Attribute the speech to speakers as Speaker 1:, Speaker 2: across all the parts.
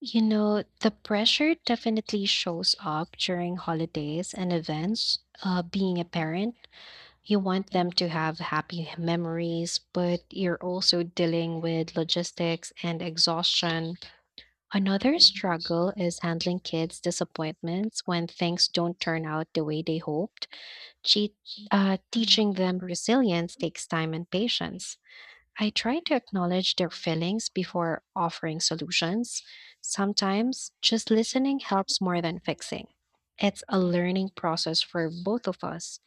Speaker 1: You know, the pressure definitely shows up during holidays and events. Being a parent, you want them to have happy memories, but you're also dealing with logistics and exhaustion. Another struggle is handling kids' disappointments when things don't turn out the way they hoped. Che- Teaching them resilience takes time and patience. I try to acknowledge their feelings before offering solutions. Sometimes just listening helps more than fixing. It's a learning process for both of us.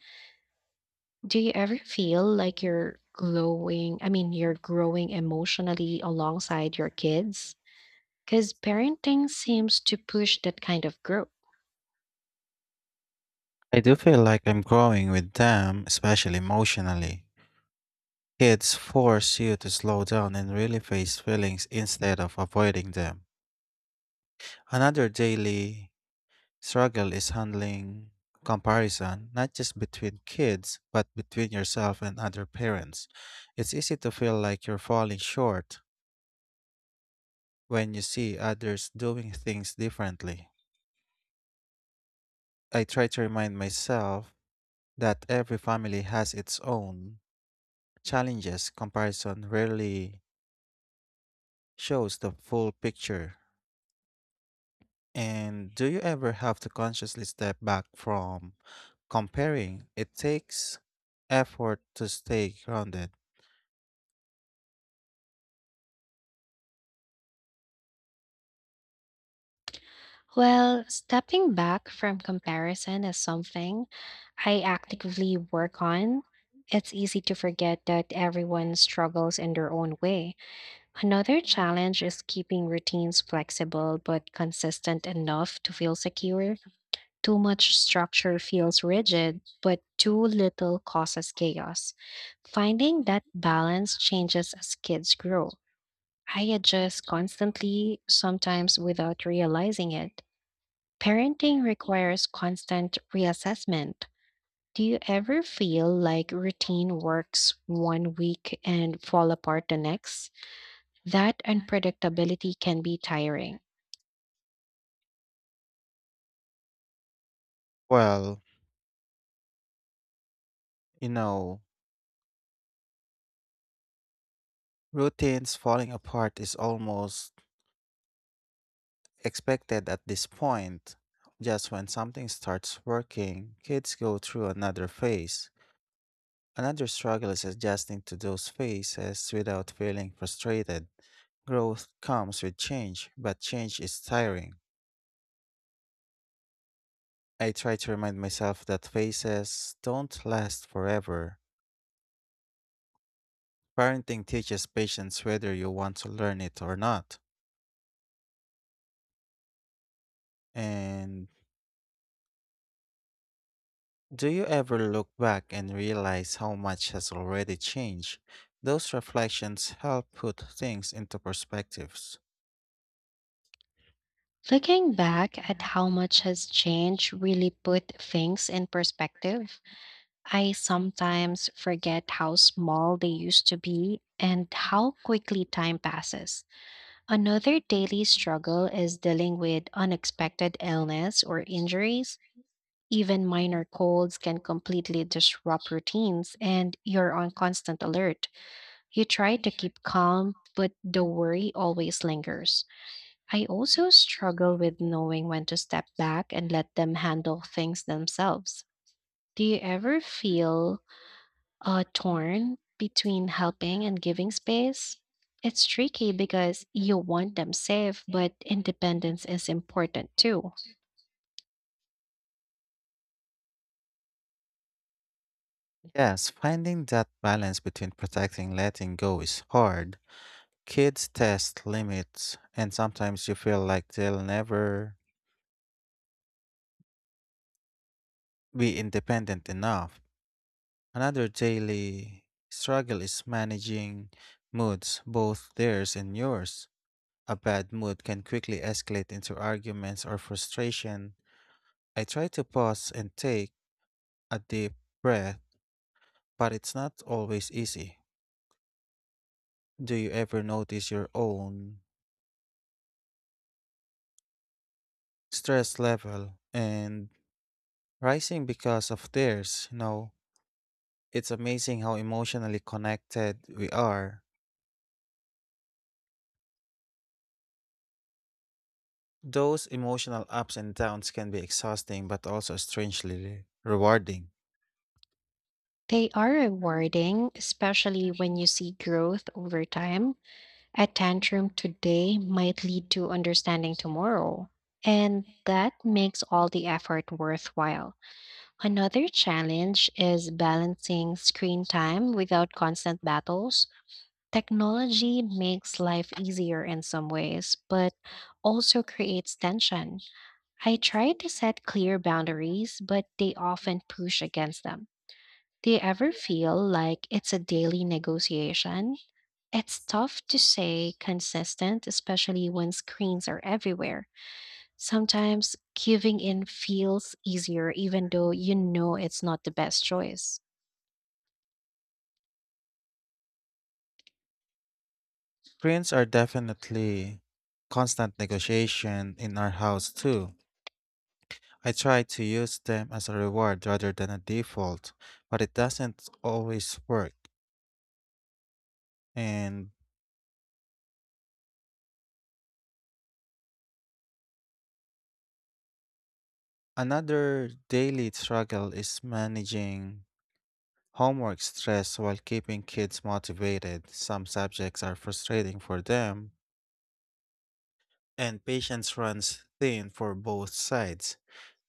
Speaker 1: Do you ever feel like you're glowing, I mean, you're growing emotionally alongside your kids? Because parenting seems to push that kind of growth.
Speaker 2: Especially emotionally. Kids force you to slow down and really face feelings instead of avoiding them. Another daily struggle is handling comparison, not just between kids, but between yourself and other parents. It's easy to feel like you're falling short when you see others doing things differently. I try to remind myself that every family has its own challenges. Comparison rarely shows the full picture. And do you ever have to consciously step back from comparing? It takes effort to stay grounded.
Speaker 1: Well, stepping back from comparison is something I actively work on. It's easy to forget that everyone struggles in their own way. Another challenge is keeping routines flexible but consistent enough to feel secure. Too much structure feels rigid, but too little causes chaos. Finding that balance changes as kids grow. I adjust constantly, sometimes without realizing it. Parenting requires constant reassessment. Do you ever feel like routine works one week and fall apart the next? That unpredictability can be tiring.
Speaker 2: Well, you know, routines falling apart is almost expected at this point. Just when something starts working, kids go through another phase. Another struggle is adjusting to those phases without feeling frustrated. Growth comes with change, but change is tiring. I try to remind myself that phases don't last forever. Parenting teaches patience whether you want to learn it or not. And do you ever look back and realize how much has already changed? Those reflections help put things into perspectives.
Speaker 1: Looking back at how much has changed really put things in perspective. I sometimes forget how small they used to be and how quickly time passes. Another daily struggle is dealing with unexpected illness or injuries. Even minor colds can completely disrupt routines, and you're on constant alert. You try to keep calm, but the worry always lingers. I also struggle with knowing when to step back and let them handle things themselves. Do you ever feel torn between helping and giving space. It's tricky because you want them safe, but independence is important too.
Speaker 2: Yes, finding that balance between protecting and letting go is hard. Kids test limits, and sometimes you feel like they'll never be independent enough. Another daily struggle is managing moods, both theirs and yours. A bad mood can quickly escalate into arguments or frustration. I try to pause and take a deep breath, but it's not always easy. Do you ever notice your own stress level and rising because of theirs? You know, it's amazing how emotionally connected we are. Those emotional ups and downs can be exhausting but also strangely rewarding.
Speaker 1: They are rewarding, especially when you see growth over time. A tantrum today might lead to understanding tomorrow, and that makes all the effort worthwhile. Another challenge is balancing screen time without constant battles. Technology makes life easier in some ways, but also creates tension. I try to set clear boundaries, but they often push against them. Do you ever feel like it's a daily negotiation? It's tough to stay consistent, especially when screens are everywhere. Sometimes giving in feels easier, even though you know it's not the best choice.
Speaker 2: Screens are definitely constant negotiation in our house too. I try to use them as a reward rather than a default, but it doesn't always work. And another daily struggle is managing homework stress while keeping kids motivated. Some subjects are frustrating for them, and patience runs thin for both sides.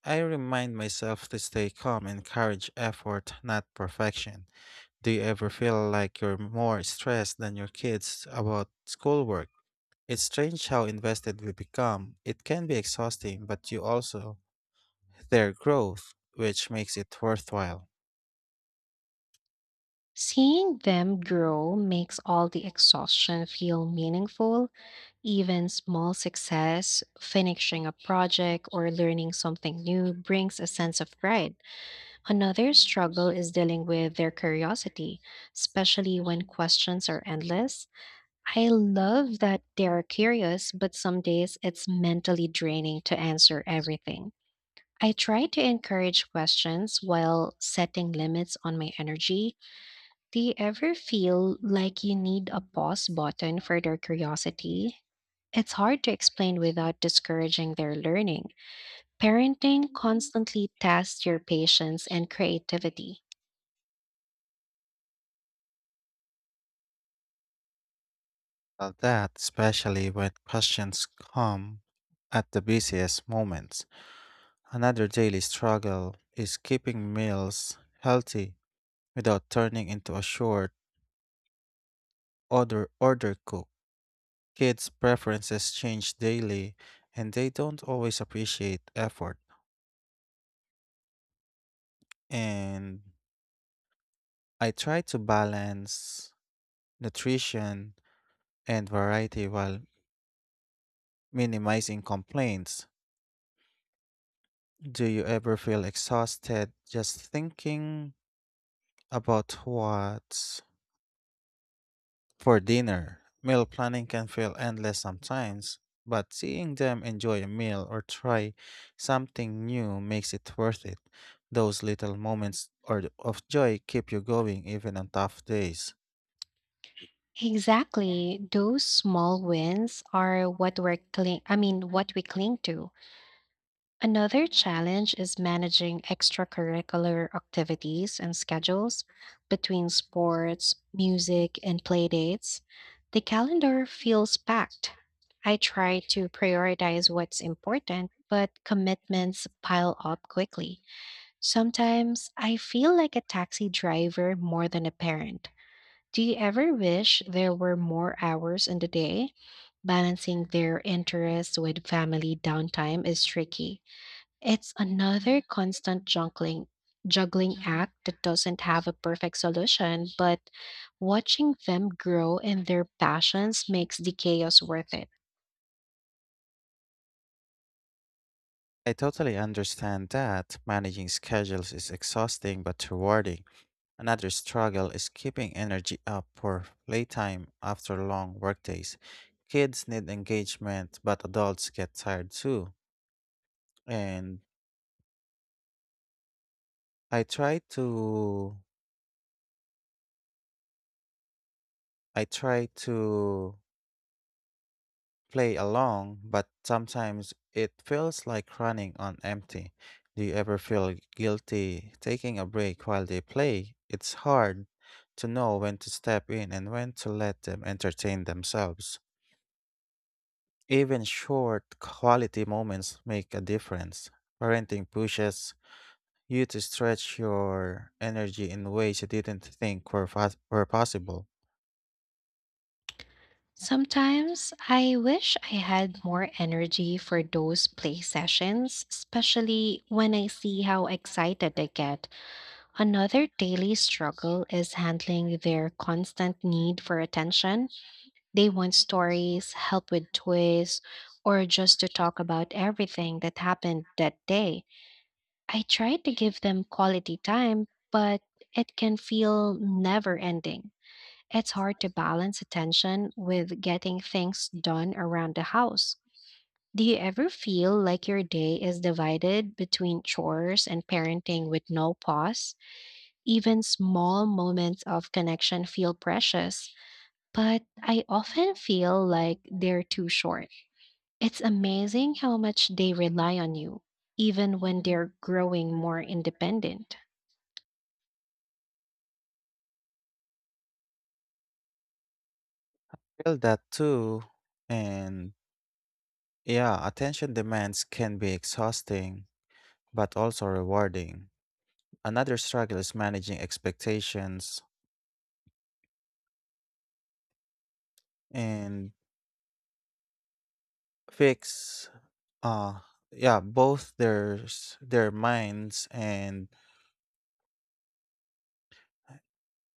Speaker 2: I remind myself to stay calm and encourage effort, not perfection. Do you ever feel like you're more stressed than your kids about schoolwork? It's strange how invested we become. It can be exhausting, but you also their growth, which makes it worthwhile.
Speaker 1: Seeing them grow makes all the exhaustion feel meaningful, even small success, finishing a project or learning something new brings a sense of pride. Another struggle is dealing with their curiosity, especially when questions are endless. I love that they're curious, but some days it's mentally draining to answer everything. I try to encourage questions while setting limits on my energy. Do you ever feel like you need a pause button for their curiosity? It's hard to explain without discouraging their learning. Parenting constantly tests your patience and creativity.
Speaker 2: That, especially when questions come at the busiest moments. Another daily struggle is keeping meals healthy without turning into a short order cook. Kids' preferences change daily and they don't always appreciate effort. And I try to balance nutrition and variety while minimizing complaints. Do you ever feel exhausted just thinking about what for dinner, meal planning can feel endless sometimes, but seeing them enjoy a meal or try something new makes it worth it. Those little moments or of joy keep you going even on tough days.
Speaker 1: Exactly. Those small wins are what we're cling I mean what we cling to. Another challenge is managing extracurricular activities and schedules between sports, music, and play dates. The calendar feels packed. I try to prioritize what's important, but commitments pile up quickly. Sometimes I feel like a taxi driver more than a parent. Do you ever wish there were more hours in the day? Balancing their interests with family downtime is tricky. It's another constant juggling act that doesn't have a perfect solution, but watching them grow in their passions makes the chaos worth it.
Speaker 2: I totally understand that managing schedules is exhausting but rewarding. Another struggle is keeping energy up for playtime after long workdays. Kids need engagement, but adults get tired too. And I try to I try to play along, but sometimes it feels like running on empty. Do you ever feel guilty taking a break while they play? It's hard to know when to step in and when to let them entertain themselves. Even short quality moments make a difference. Parenting pushes you to stretch your energy in ways you didn't think were, were possible.
Speaker 1: Sometimes I wish I had more energy for those play sessions, especially when I see how excited they get. Another daily struggle is handling their constant need for attention. They want stories, help with toys, or just to talk about everything that happened that day. I try to give them quality time, but it can feel never ending. It's hard to balance attention with getting things done around the house. Do you ever feel like your day is divided between chores and parenting with no pause? Even small moments of connection feel precious, but I often feel like they're too short. It's amazing how much they rely on you, even when they're growing more independent.
Speaker 2: Feel that too. And yeah, attention demands can be exhausting, but also rewarding. Another struggle is managing expectations and fix uh yeah, both theirs their minds and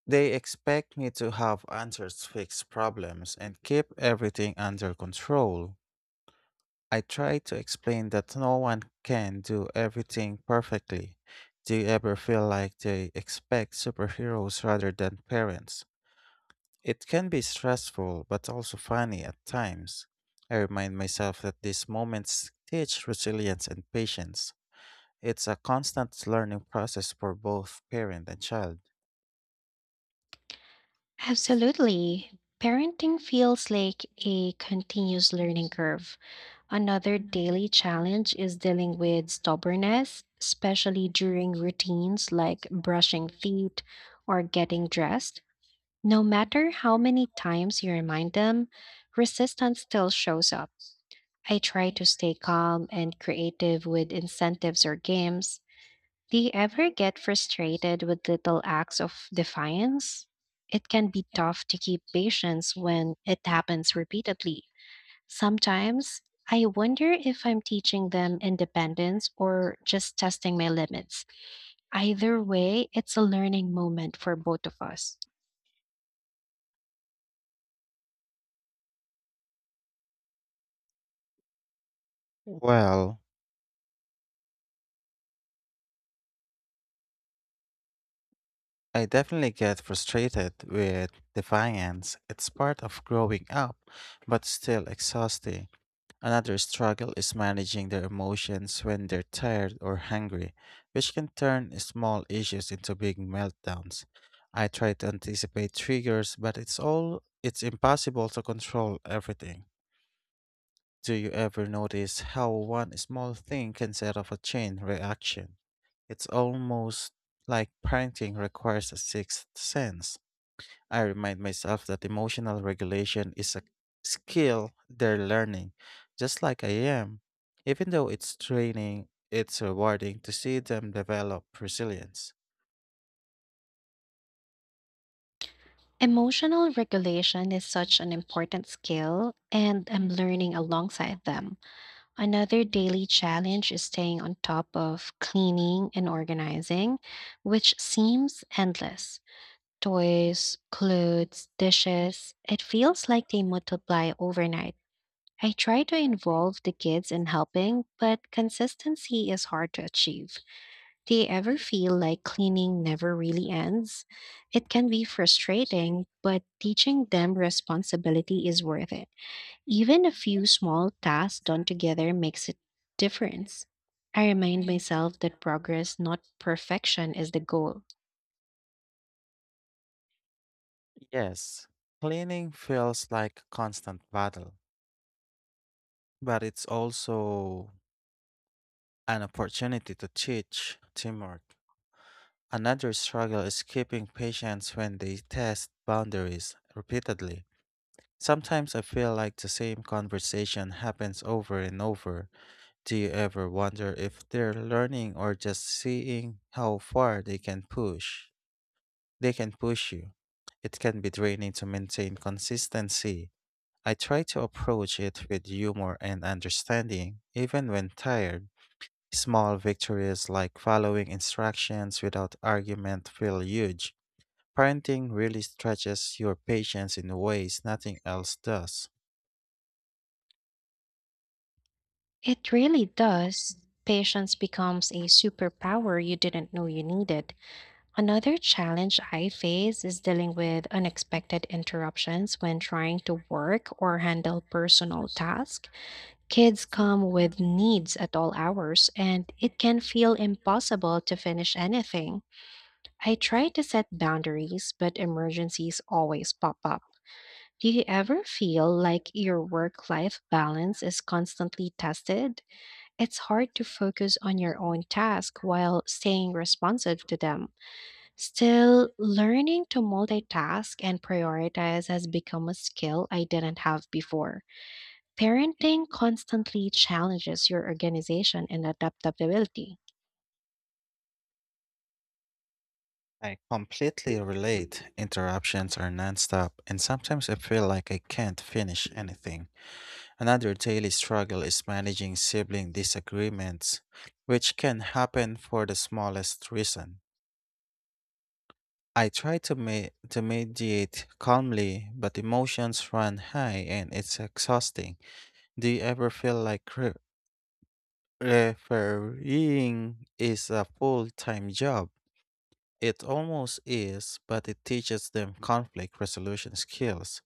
Speaker 2: they expect me to have answers fix problems and keep everything under control. I try to explain that no one can do everything perfectly. Do you ever feel like they expect superheroes rather than parents? It can be stressful, but also funny at times. I remind myself that these moments teach resilience and patience. It's a constant learning process for both parent and child.
Speaker 1: Absolutely. Parenting feels like a continuous learning curve. Another daily challenge is dealing with stubbornness, especially during routines like brushing feet or getting dressed. No matter how many times you remind them, resistance still shows up. I try to stay calm and creative with incentives or games. Do you ever get frustrated with little acts of defiance? It can be tough to keep patience when it happens repeatedly. Sometimes I wonder if I'm teaching them independence or just testing my limits. Either way, it's a learning moment for both of us.
Speaker 2: Well, I definitely get frustrated with defiance. It's part of growing up, but still exhausting. Another struggle is managing their emotions when they're tired or hungry, which can turn small issues into big meltdowns. I try to anticipate triggers, but it's all it's impossible to control everything. Do you ever notice how one small thing can set off a chain reaction? It's almost like parenting requires a sixth sense. I remind myself that emotional regulation is a skill they're learning, just like I am. Even though it's training, it's rewarding to see them develop resilience.
Speaker 1: Emotional regulation is such an important skill, and I'm learning alongside them. Another daily challenge is staying on top of cleaning and organizing, which seems endless. Toys, clothes, dishes, it feels like they multiply overnight. I try to involve the kids in helping, but consistency is hard to achieve. Do you ever feel like cleaning never really ends? It can be frustrating, but teaching them responsibility is worth it. Even a few small tasks done together makes a difference. I remind myself that progress, not perfection, is the goal.
Speaker 2: Yes, cleaning feels like a constant battle, but it's also an opportunity to teach teamwork. Another struggle is keeping patience when they test boundaries repeatedly. Sometimes I feel like the same conversation happens over and over. Do you ever wonder if they're learning or just seeing how far they can push? They can push you. It can be draining to maintain consistency. I try to approach it with humor and understanding, even when tired. Small victories like following instructions without argument feel huge. Parenting really stretches your patience in ways nothing else does.
Speaker 1: It really does. Patience becomes a superpower you didn't know you needed. Another challenge I face is dealing with unexpected interruptions when trying to work or handle personal tasks. Kids come with needs at all hours, and it can feel impossible to finish anything. I try to set boundaries, but emergencies always pop up. Do you ever feel like your work life balance is constantly tested? It's hard to focus on your own task while staying responsive to them. Still, learning to multitask and prioritize has become a skill I didn't have before. Parenting constantly challenges your organization and adaptability.
Speaker 2: I completely relate. Interruptions are nonstop, and sometimes I feel like I can't finish anything. Another daily struggle is managing sibling disagreements, which can happen for the smallest reason. I try to, to mediate calmly, but emotions run high and it's exhausting. Do you ever feel like refereeing is a full time job? It almost is, but it teaches them conflict resolution skills.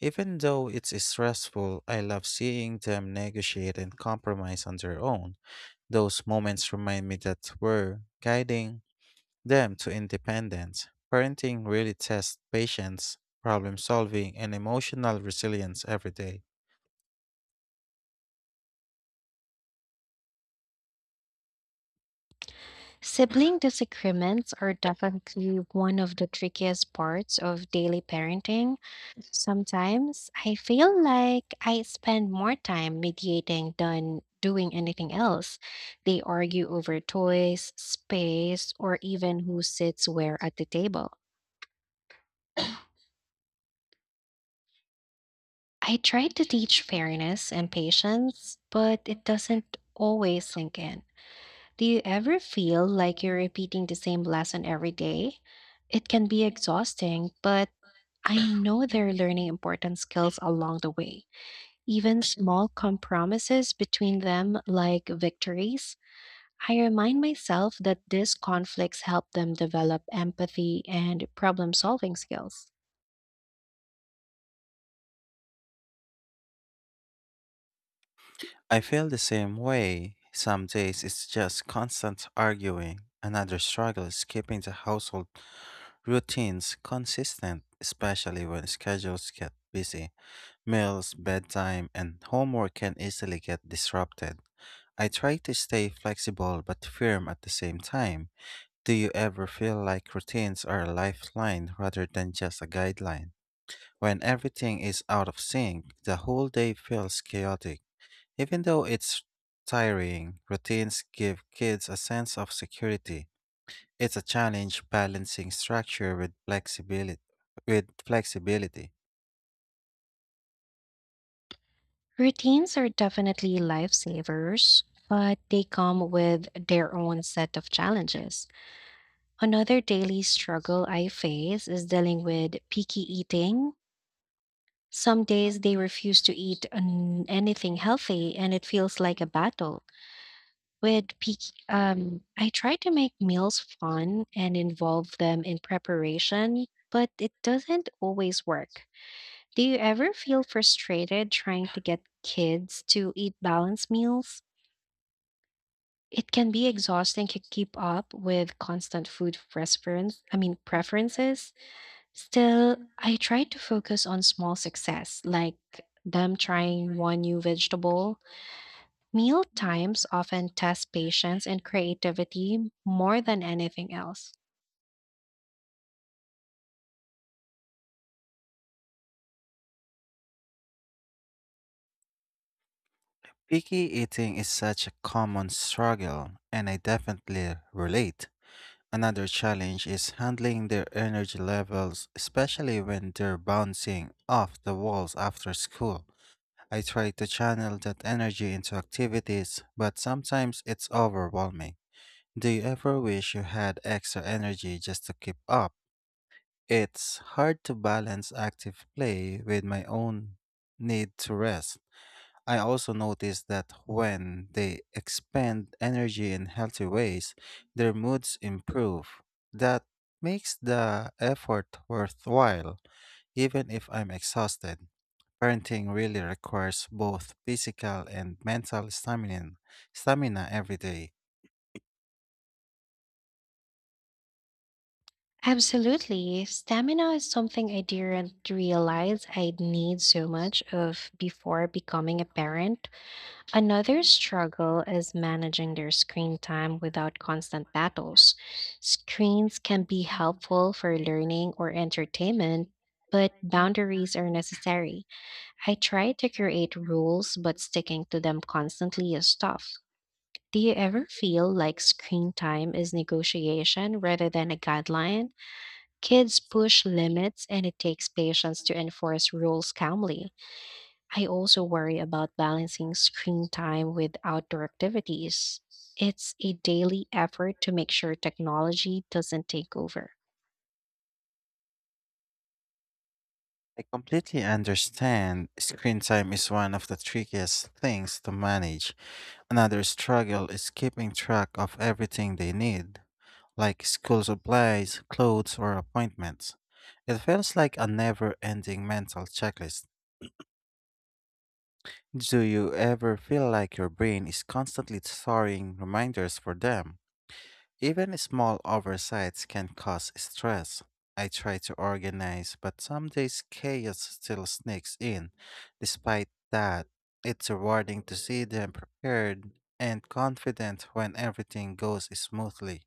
Speaker 2: Even though it's stressful, I love seeing them negotiate and compromise on their own. Those moments remind me that we're guiding them to independence. Parenting really tests patience, problem solving, and emotional resilience every day.
Speaker 1: Sibling disagreements are definitely one of the trickiest parts of daily parenting. Sometimes I feel like I spend more time mediating than doing anything else. They argue over toys, space, or even who sits where at the table. I try to teach fairness and patience, but it doesn't always sink in. Do you ever feel like you're repeating the same lesson every day? It can be exhausting, but I know they're learning important skills along the way. Even small compromises between them, like victories, I remind myself that these conflicts help them develop empathy and problem solving skills.
Speaker 2: I feel the same way. Some days it's just constant arguing. Another struggle is keeping the household routines consistent, especially when schedules get busy. Meals, bedtime, and homework can easily get disrupted. I try to stay flexible but firm at the same time. Do you ever feel like routines are a lifeline rather than just a guideline? When everything is out of sync, the whole day feels chaotic. Even though it's tiring, routines give kids a sense of security. It's a challenge balancing structure with flexibility. With flexibility.
Speaker 1: Routines are definitely lifesavers, but they come with their own set of challenges. Another daily struggle I face is dealing with picky eating. Some days they refuse to eat anything healthy, and it feels like a battle. With I try to make meals fun and involve them in preparation, but it doesn't always work. Do you ever feel frustrated trying to get kids to eat balanced meals? It can be exhausting to keep up with constant food preference, I mean preferences. Still, I try to focus on small success, like them trying one new vegetable. Meal times often test patience and creativity more than anything else.
Speaker 2: Picky eating is such a common struggle, and I definitely relate. Another challenge is handling their energy levels, especially when they're bouncing off the walls after school. I try to channel that energy into activities, but sometimes it's overwhelming. Do you ever wish you had extra energy just to keep up? It's hard to balance active play with my own need to rest. I also notice that when they expend energy in healthy ways, their moods improve. That makes the effort worthwhile, even if I'm exhausted. Parenting really requires both physical and mental stamina every day.
Speaker 1: Absolutely. Stamina is something I didn't realize I'd need so much of before becoming a parent. Another struggle is managing their screen time without constant battles. Screens can be helpful for learning or entertainment, but boundaries are necessary. I try to create rules, but sticking to them constantly is tough. Do you ever feel like screen time is negotiation rather than a guideline? Kids push limits and it takes patience to enforce rules calmly. I also worry about balancing screen time with outdoor activities. It's a daily effort to make sure technology doesn't take over.
Speaker 2: I completely understand. Screen time is one of the trickiest things to manage. Another struggle is keeping track of everything they need, like school supplies, clothes, or appointments. It feels like a never ending mental checklist. Do you ever feel like your brain is constantly throwing reminders for them? Even small oversights can cause stress. I try to organize, but some days chaos still sneaks in. Despite that, it's rewarding to see them prepared and confident when everything goes smoothly.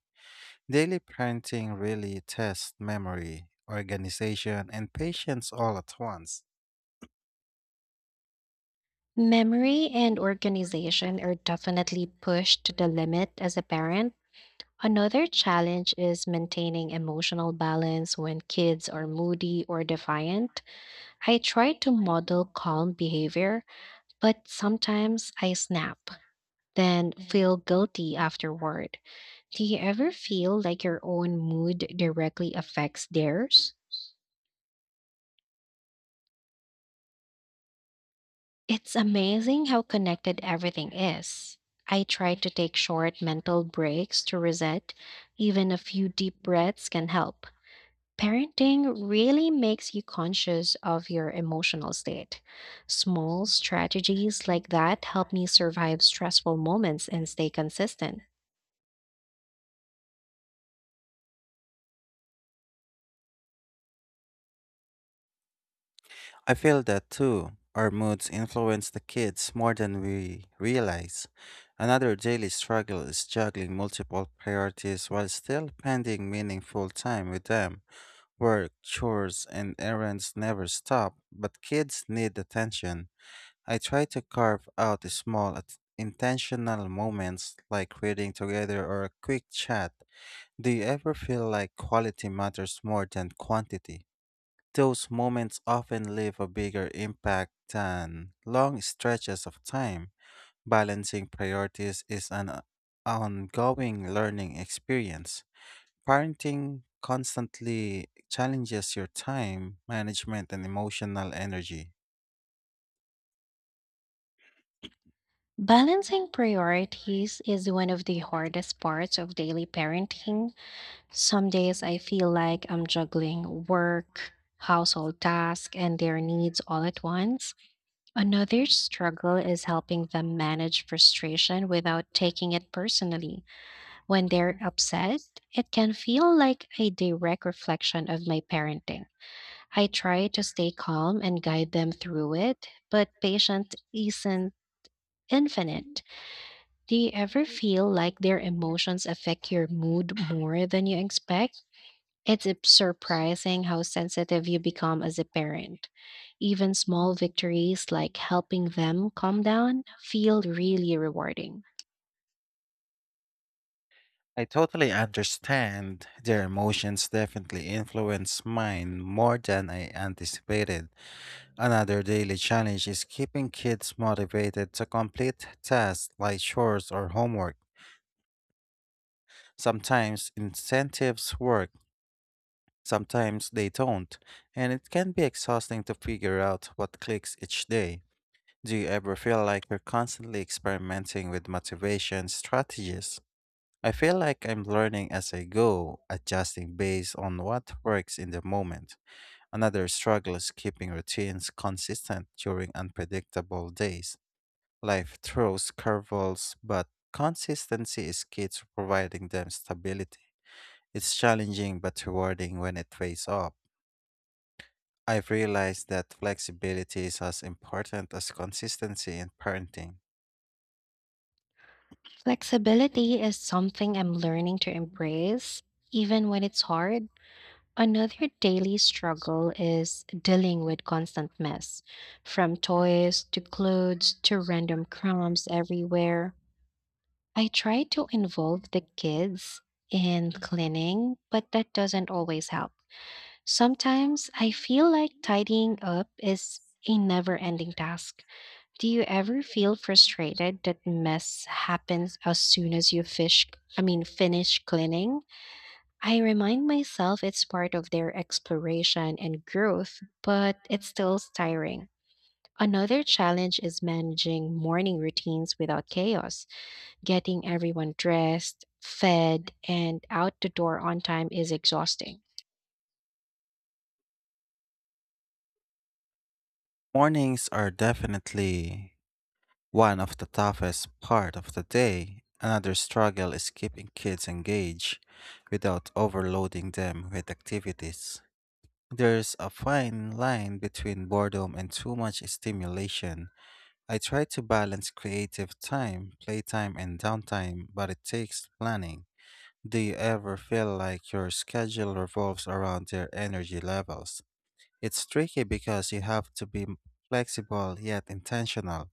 Speaker 2: Daily parenting really tests memory, organization, and patience all at once.
Speaker 1: Memory and organization are definitely pushed to the limit as a parent. Another challenge is maintaining emotional balance when kids are moody or defiant. I try to model calm behavior, but sometimes I snap. Then feel guilty afterward. Do you ever feel like your own mood directly affects theirs? It's amazing how connected everything is. I try to take short mental breaks to reset. Even a few deep breaths can help. Parenting really makes you conscious of your emotional state. Small strategies like that help me survive stressful moments and stay consistent.
Speaker 2: I feel that too. Our moods influence the kids more than we realize. Another daily struggle is juggling multiple priorities while still spending meaningful time with them. Work, chores, and errands never stop, but kids need attention. I try to carve out small, intentional moments like reading together or a quick chat. Do you ever feel like quality matters more than quantity? Those moments often leave a bigger impact than long stretches of time. Balancing priorities is an ongoing learning experience. Parenting constantly challenges your time, management, and emotional energy.
Speaker 1: Balancing priorities is one of the hardest parts of daily parenting. Some days I feel like I'm juggling work, household tasks, and their needs all at once. Another struggle is helping them manage frustration without taking it personally. When they're upset, it can feel like a direct reflection of my parenting. I try to stay calm and guide them through it, but patience isn't infinite. Do you ever feel like their emotions affect your mood more than you expect? Surprising how sensitive you become as a parent. Even small victories like helping them calm down feel really rewarding.
Speaker 2: I totally understand. Their emotions definitely influence mine more than I anticipated. Another daily challenge is keeping kids motivated to complete tasks like chores or homework. Sometimes incentives work, sometimes they don't, and it can be exhausting to figure out what clicks each day. Do you ever feel like you're constantly experimenting with motivation strategies? I feel like I'm learning as I go, adjusting based on what works in the moment. Another struggle is keeping routines consistent during unpredictable days. Life throws curveballs, but consistency is key to providing them stability. It's challenging but rewarding when it pays off. I've realized that flexibility is as important as consistency in parenting.
Speaker 1: Flexibility is something I'm learning to embrace, even when it's hard. Another daily struggle is dealing with constant mess, from toys to clothes to random crumbs everywhere. I try to involve the kids in cleaning, but that doesn't always help. Sometimes I feel like tidying up is a never ending task. Do you ever feel frustrated that mess happens as soon as you fish I mean finish cleaning? I remind myself it's part of their exploration and growth, but it's still tiring. Another challenge is managing morning routines without chaos. Getting everyone dressed, fed, and out the door on time is exhausting.
Speaker 2: Mornings are definitely one of the toughest part of the day. Another struggle is keeping kids engaged without overloading them with activities. There's a fine line between boredom and too much stimulation. I try to balance creative time, playtime, and downtime, but it takes planning. Do you ever feel like your schedule revolves around your energy levels? It's tricky because you have to be flexible yet intentional.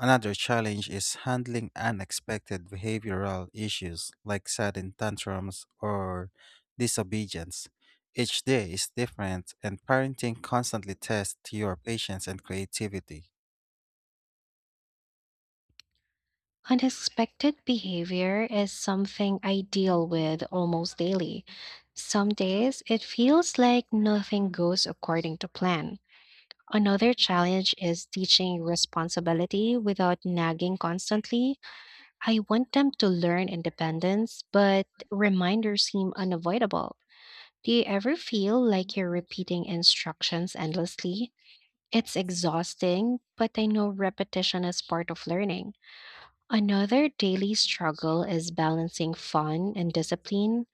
Speaker 2: Another challenge is handling unexpected behavioral issues like sudden tantrums or disobedience. Each day is different, and parenting constantly tests your patience and creativity.
Speaker 1: Unexpected behavior is something I deal with almost daily. Some days it feels like nothing goes according to plan. Another challenge is teaching responsibility without nagging constantly. I want them to learn independence, but reminders seem unavoidable. Do you ever feel like you're repeating instructions endlessly? It's exhausting, but I know repetition is part of learning. Another daily struggle is balancing fun and discipline.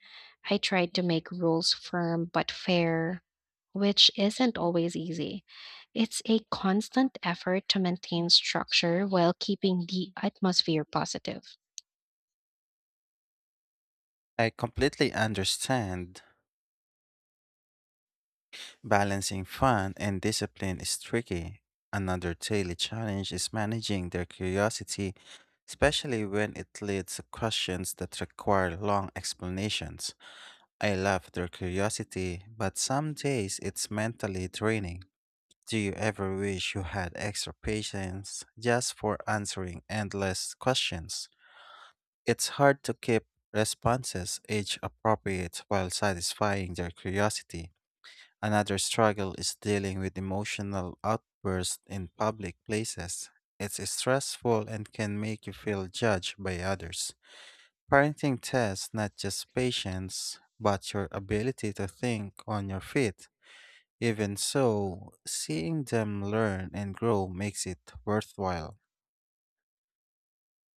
Speaker 1: I try to make rules firm but fair, which isn't always easy. It's a constant effort to maintain structure while keeping the atmosphere positive.
Speaker 2: I completely understand. Balancing fun and discipline is tricky. Another daily challenge is managing their curiosity, especially when it leads to questions that require long explanations. I love their curiosity, but some days it's mentally draining. Do you ever wish you had extra patience just for answering endless questions? It's hard to keep responses age appropriate while satisfying their curiosity. Another struggle is dealing with emotional outbursts in public places. It's stressful and can make you feel judged by others. Parenting tests not just patience, but your ability to think on your feet. Even so, seeing them learn and grow makes it worthwhile.